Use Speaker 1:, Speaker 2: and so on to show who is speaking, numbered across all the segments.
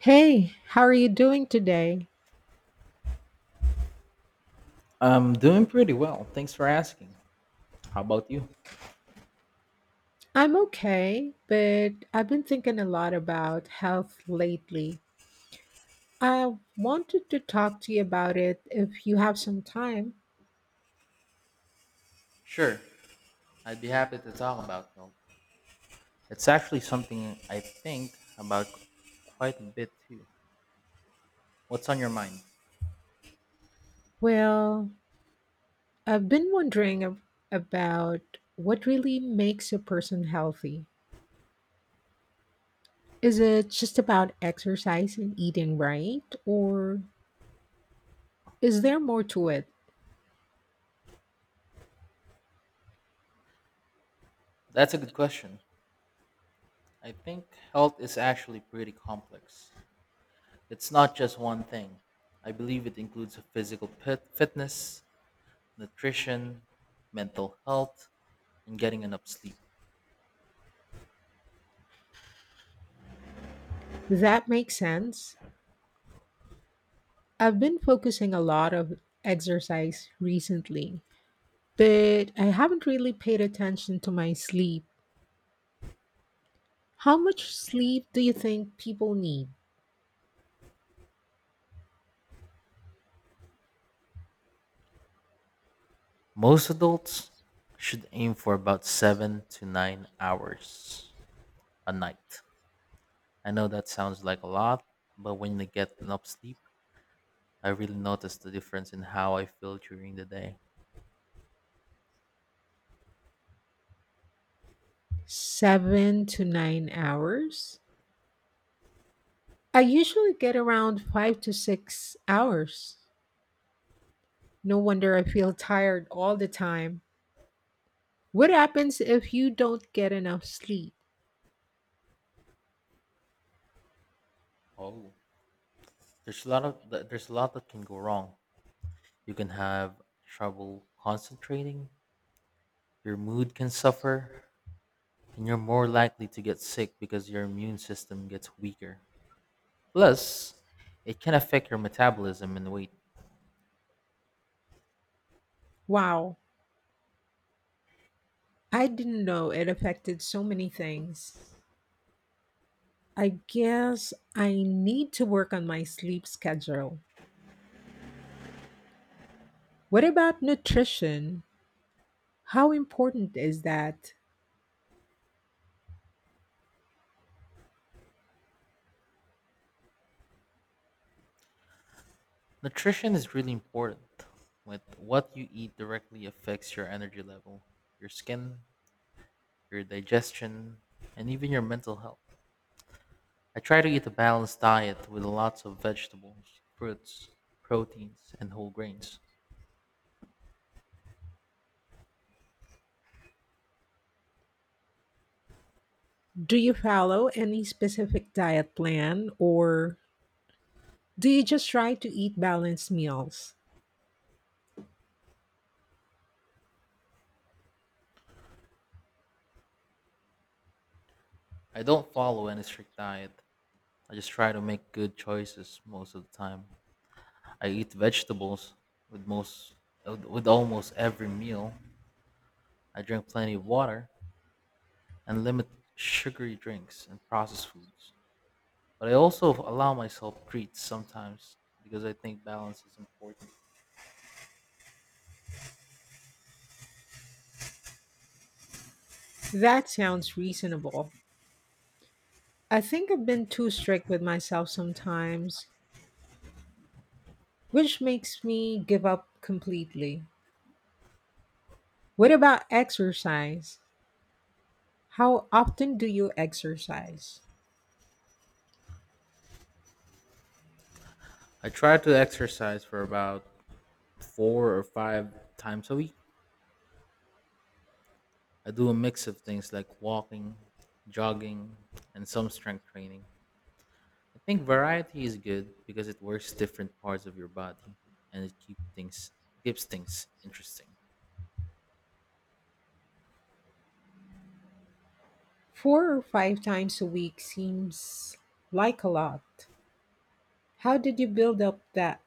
Speaker 1: Hey, how are you doing today?
Speaker 2: I'm doing pretty well. Thanks for asking. How about you?
Speaker 1: I'm okay, but I've been thinking a lot about health lately. I wanted to talk to you about it if you have some time.
Speaker 2: Sure, I'd be happy to talk about them. It's actually something I think about quite a bit too. What's on your mind?
Speaker 1: Well, I've been wondering about what really makes a person healthy. Is it just about exercise and eating right, or is there more to it?
Speaker 2: That's a good question. I think health is actually pretty complex. It's not just one thing. I believe it includes fitness, nutrition, mental health, and getting enough sleep.
Speaker 1: That makes sense. I've been focusing a lot of exercise recently but I haven't really paid attention to my sleep. How much sleep do you think people need?
Speaker 2: Most adults should aim for about 7 to 9 hours a night. I know that sounds like a lot, but when I get enough sleep, I really notice the difference in how I feel during the day.
Speaker 1: 7 to 9 hours? I usually get around 5 to 6 hours. No wonder I feel tired all the time. What happens if you don't get enough sleep?
Speaker 2: Oh, there's a lot of th- there's a lot that can go wrong. You can have trouble concentrating, your mood can suffer, and you're more likely to get sick because your immune system gets weaker. Plus, it can affect your metabolism and weight.
Speaker 1: Wow, I didn't know it affected so many things. I guess I need to work on my sleep schedule. What about nutrition? How important is that?
Speaker 2: Nutrition is really important. With what you eat directly affects your energy level, your skin, your digestion, and even your mental health. I try to eat a balanced diet with lots of vegetables, fruits, proteins, and whole grains.
Speaker 1: Do you follow any specific diet plan or do you just try to eat balanced meals?
Speaker 2: I don't follow any strict diet. I just try to make good choices most of the time. I eat vegetables with most with almost every meal. I drink plenty of water and limit sugary drinks and processed foods. But I also allow myself treats sometimes because I think balance is important.
Speaker 1: That sounds reasonable. I think I've been too strict with myself sometimes, which makes me give up completely. What about exercise? How often do you exercise?
Speaker 2: I try to exercise for about 4 or 5 times a week. I do a mix of things like walking, jogging, and some strength training. I think variety is good because it works different parts of your body and it keeps things interesting.
Speaker 1: Four or five times a week seems like a lot. How did you build up that?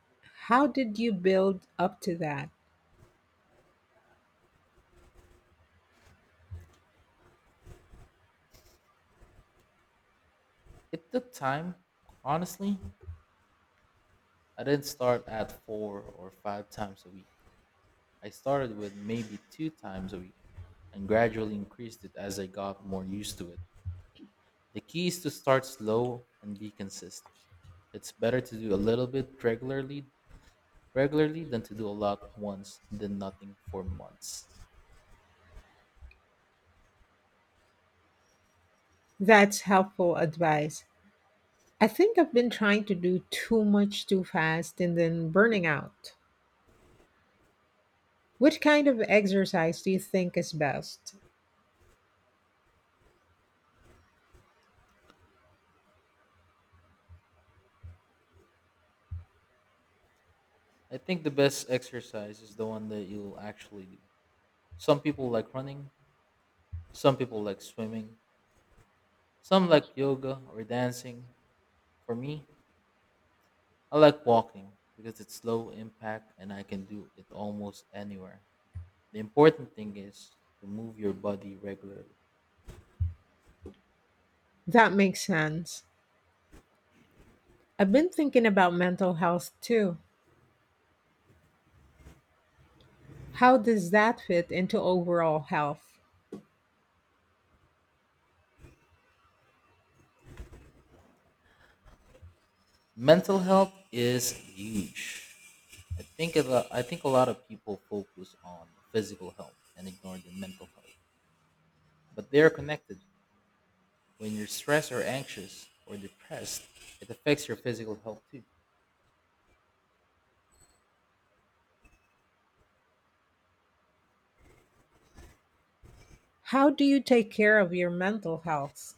Speaker 1: How did you build up to that?
Speaker 2: It took time, honestly. I didn't start at 4 or 5 times a week. I started with maybe 2 times a week and gradually increased it as I got more used to it. The key is to start slow and be consistent. It's better to do a little bit regularly than to do a lot once and then nothing for months.
Speaker 1: That's helpful advice. I think I've been trying to do too much too fast and then burning out. What kind of exercise do you think is best?
Speaker 2: I think the best exercise is the one that you'll actually do. Some people like running, some people like swimming, some like yoga or dancing. For me, I like walking because it's low impact and I can do it almost anywhere. The important thing is to move your body regularly.
Speaker 1: That makes sense. I've been thinking about mental health too. How does that fit into overall health?
Speaker 2: Mental health is huge. I think a lot of people focus on physical health and ignore their mental health, but they are connected. When you're stressed or anxious or depressed, it affects your physical health too.
Speaker 1: How do you take care of your mental health?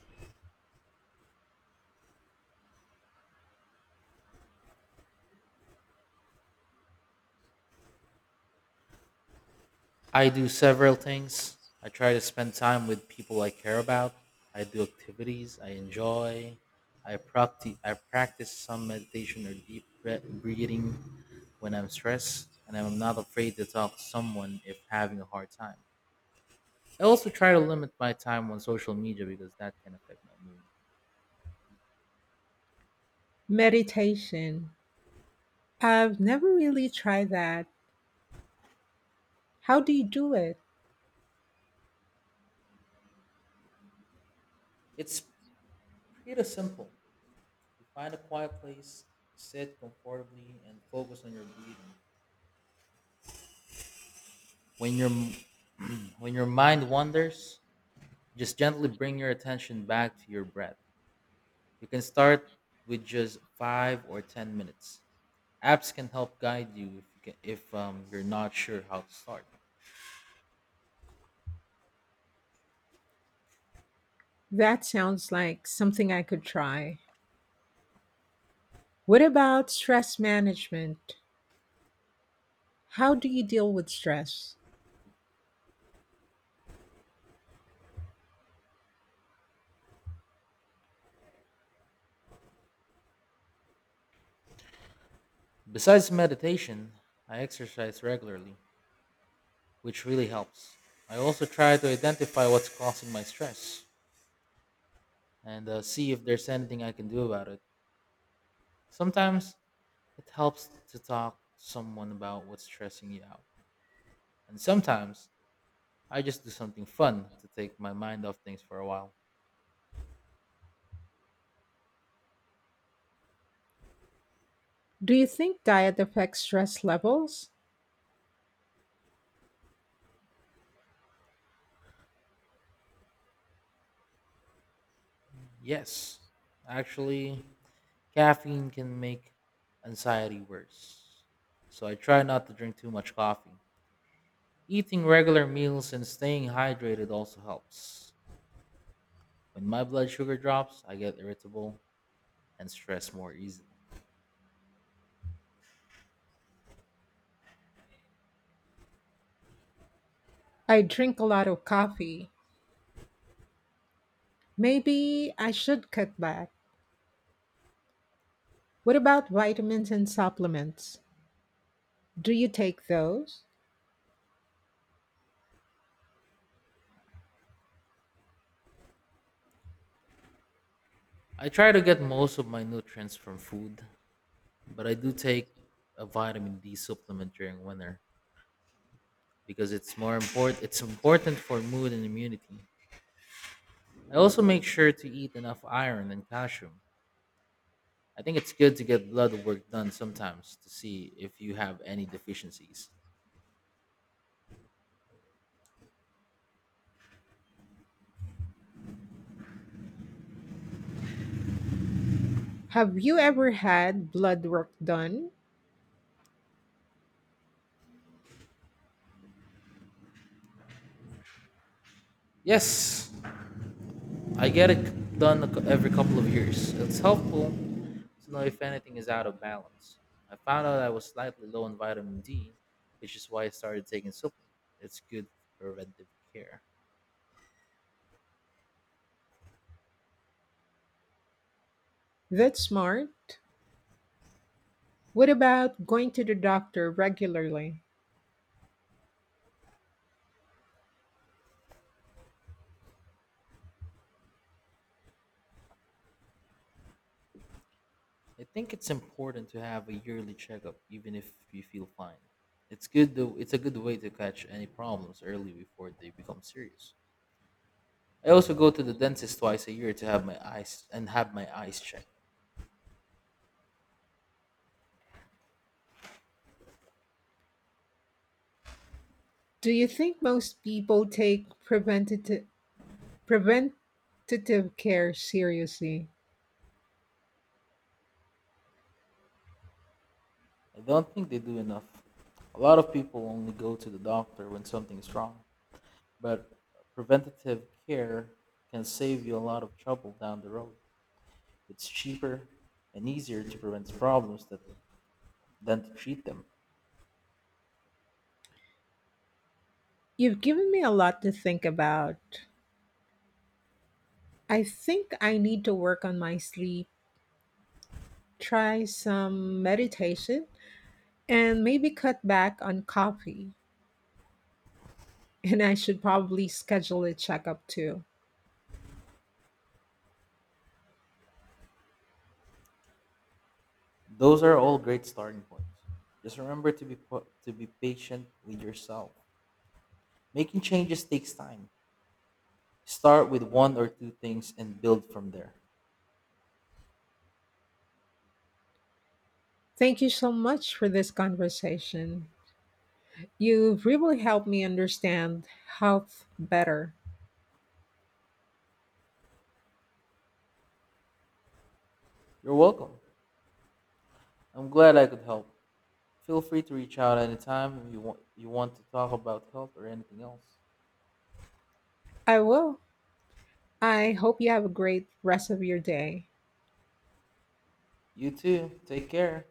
Speaker 2: I do several things. I try to spend time with people I care about. I do activities I enjoy. I practice some meditation or breathing when I'm stressed, and I'm not afraid to talk to someone if having a hard time. I also try to limit my time on social media because that can affect my mood.
Speaker 1: Meditation. I've never really tried that. How do you do it?
Speaker 2: It's pretty simple. You find a quiet place, sit comfortably, and focus on your breathing. When your when your mind wanders, just gently bring your attention back to your breath. You can start with just 5 or 10 minutes. Apps can help guide you if you're not sure how to start.
Speaker 1: That sounds like something I could try. What about stress management? How do you deal with stress?
Speaker 2: Besides meditation, I exercise regularly, which really helps. I also try to identify what's causing my stress and see if there's anything I can do about it. Sometimes it helps to talk to someone about what's stressing you out, and sometimes I just do something fun to take my mind off things for a while.
Speaker 1: Do you think diet affects stress levels?
Speaker 2: Yes, actually, caffeine can make anxiety worse, so I try not to drink too much coffee. Eating regular meals and staying hydrated also helps. When my blood sugar drops, I get irritable and stress more easily.
Speaker 1: I drink a lot of coffee. Maybe I should cut back. What about vitamins and supplements? Do you take those?
Speaker 2: I try to get most of my nutrients from food, but I do take a vitamin D supplement during winter because it's important for mood and immunity. I also make sure to eat enough iron and calcium. I think it's good to get blood work done sometimes to see if you have any deficiencies.
Speaker 1: Have you ever had blood work done?
Speaker 2: Yes, I get it done every couple of years. It's helpful to know if anything is out of balance. I found out I was slightly low on vitamin D, which is why I started taking supplement. It's good for preventive care.
Speaker 1: That's smart. What about going to the doctor regularly?
Speaker 2: I think it's important to have a yearly checkup, even if you feel fine. It's good though. It's a good way to catch any problems early before they become serious. I also go to the dentist twice a year to have my eyes checked.
Speaker 1: Do you think most people take preventative care seriously?
Speaker 2: I don't think they do enough. A lot of people only go to the doctor when something is wrong, but preventative care can save you a lot of trouble down the road. It's cheaper and easier to prevent than to treat them.
Speaker 1: You've given me a lot to think about. I think I need to work on my sleep, try some meditation, and maybe cut back on coffee. And I should probably schedule a checkup too.
Speaker 2: Those are all great starting points. Just remember to be patient with yourself. Making changes takes time. Start with one or two things and build from there.
Speaker 1: Thank you so much for this conversation. You've really helped me understand health better.
Speaker 2: You're welcome. I'm glad I could help. Feel free to reach out anytime if you want to talk about health or anything else.
Speaker 1: I will. I hope you have a great rest of your day.
Speaker 2: You too. Take care.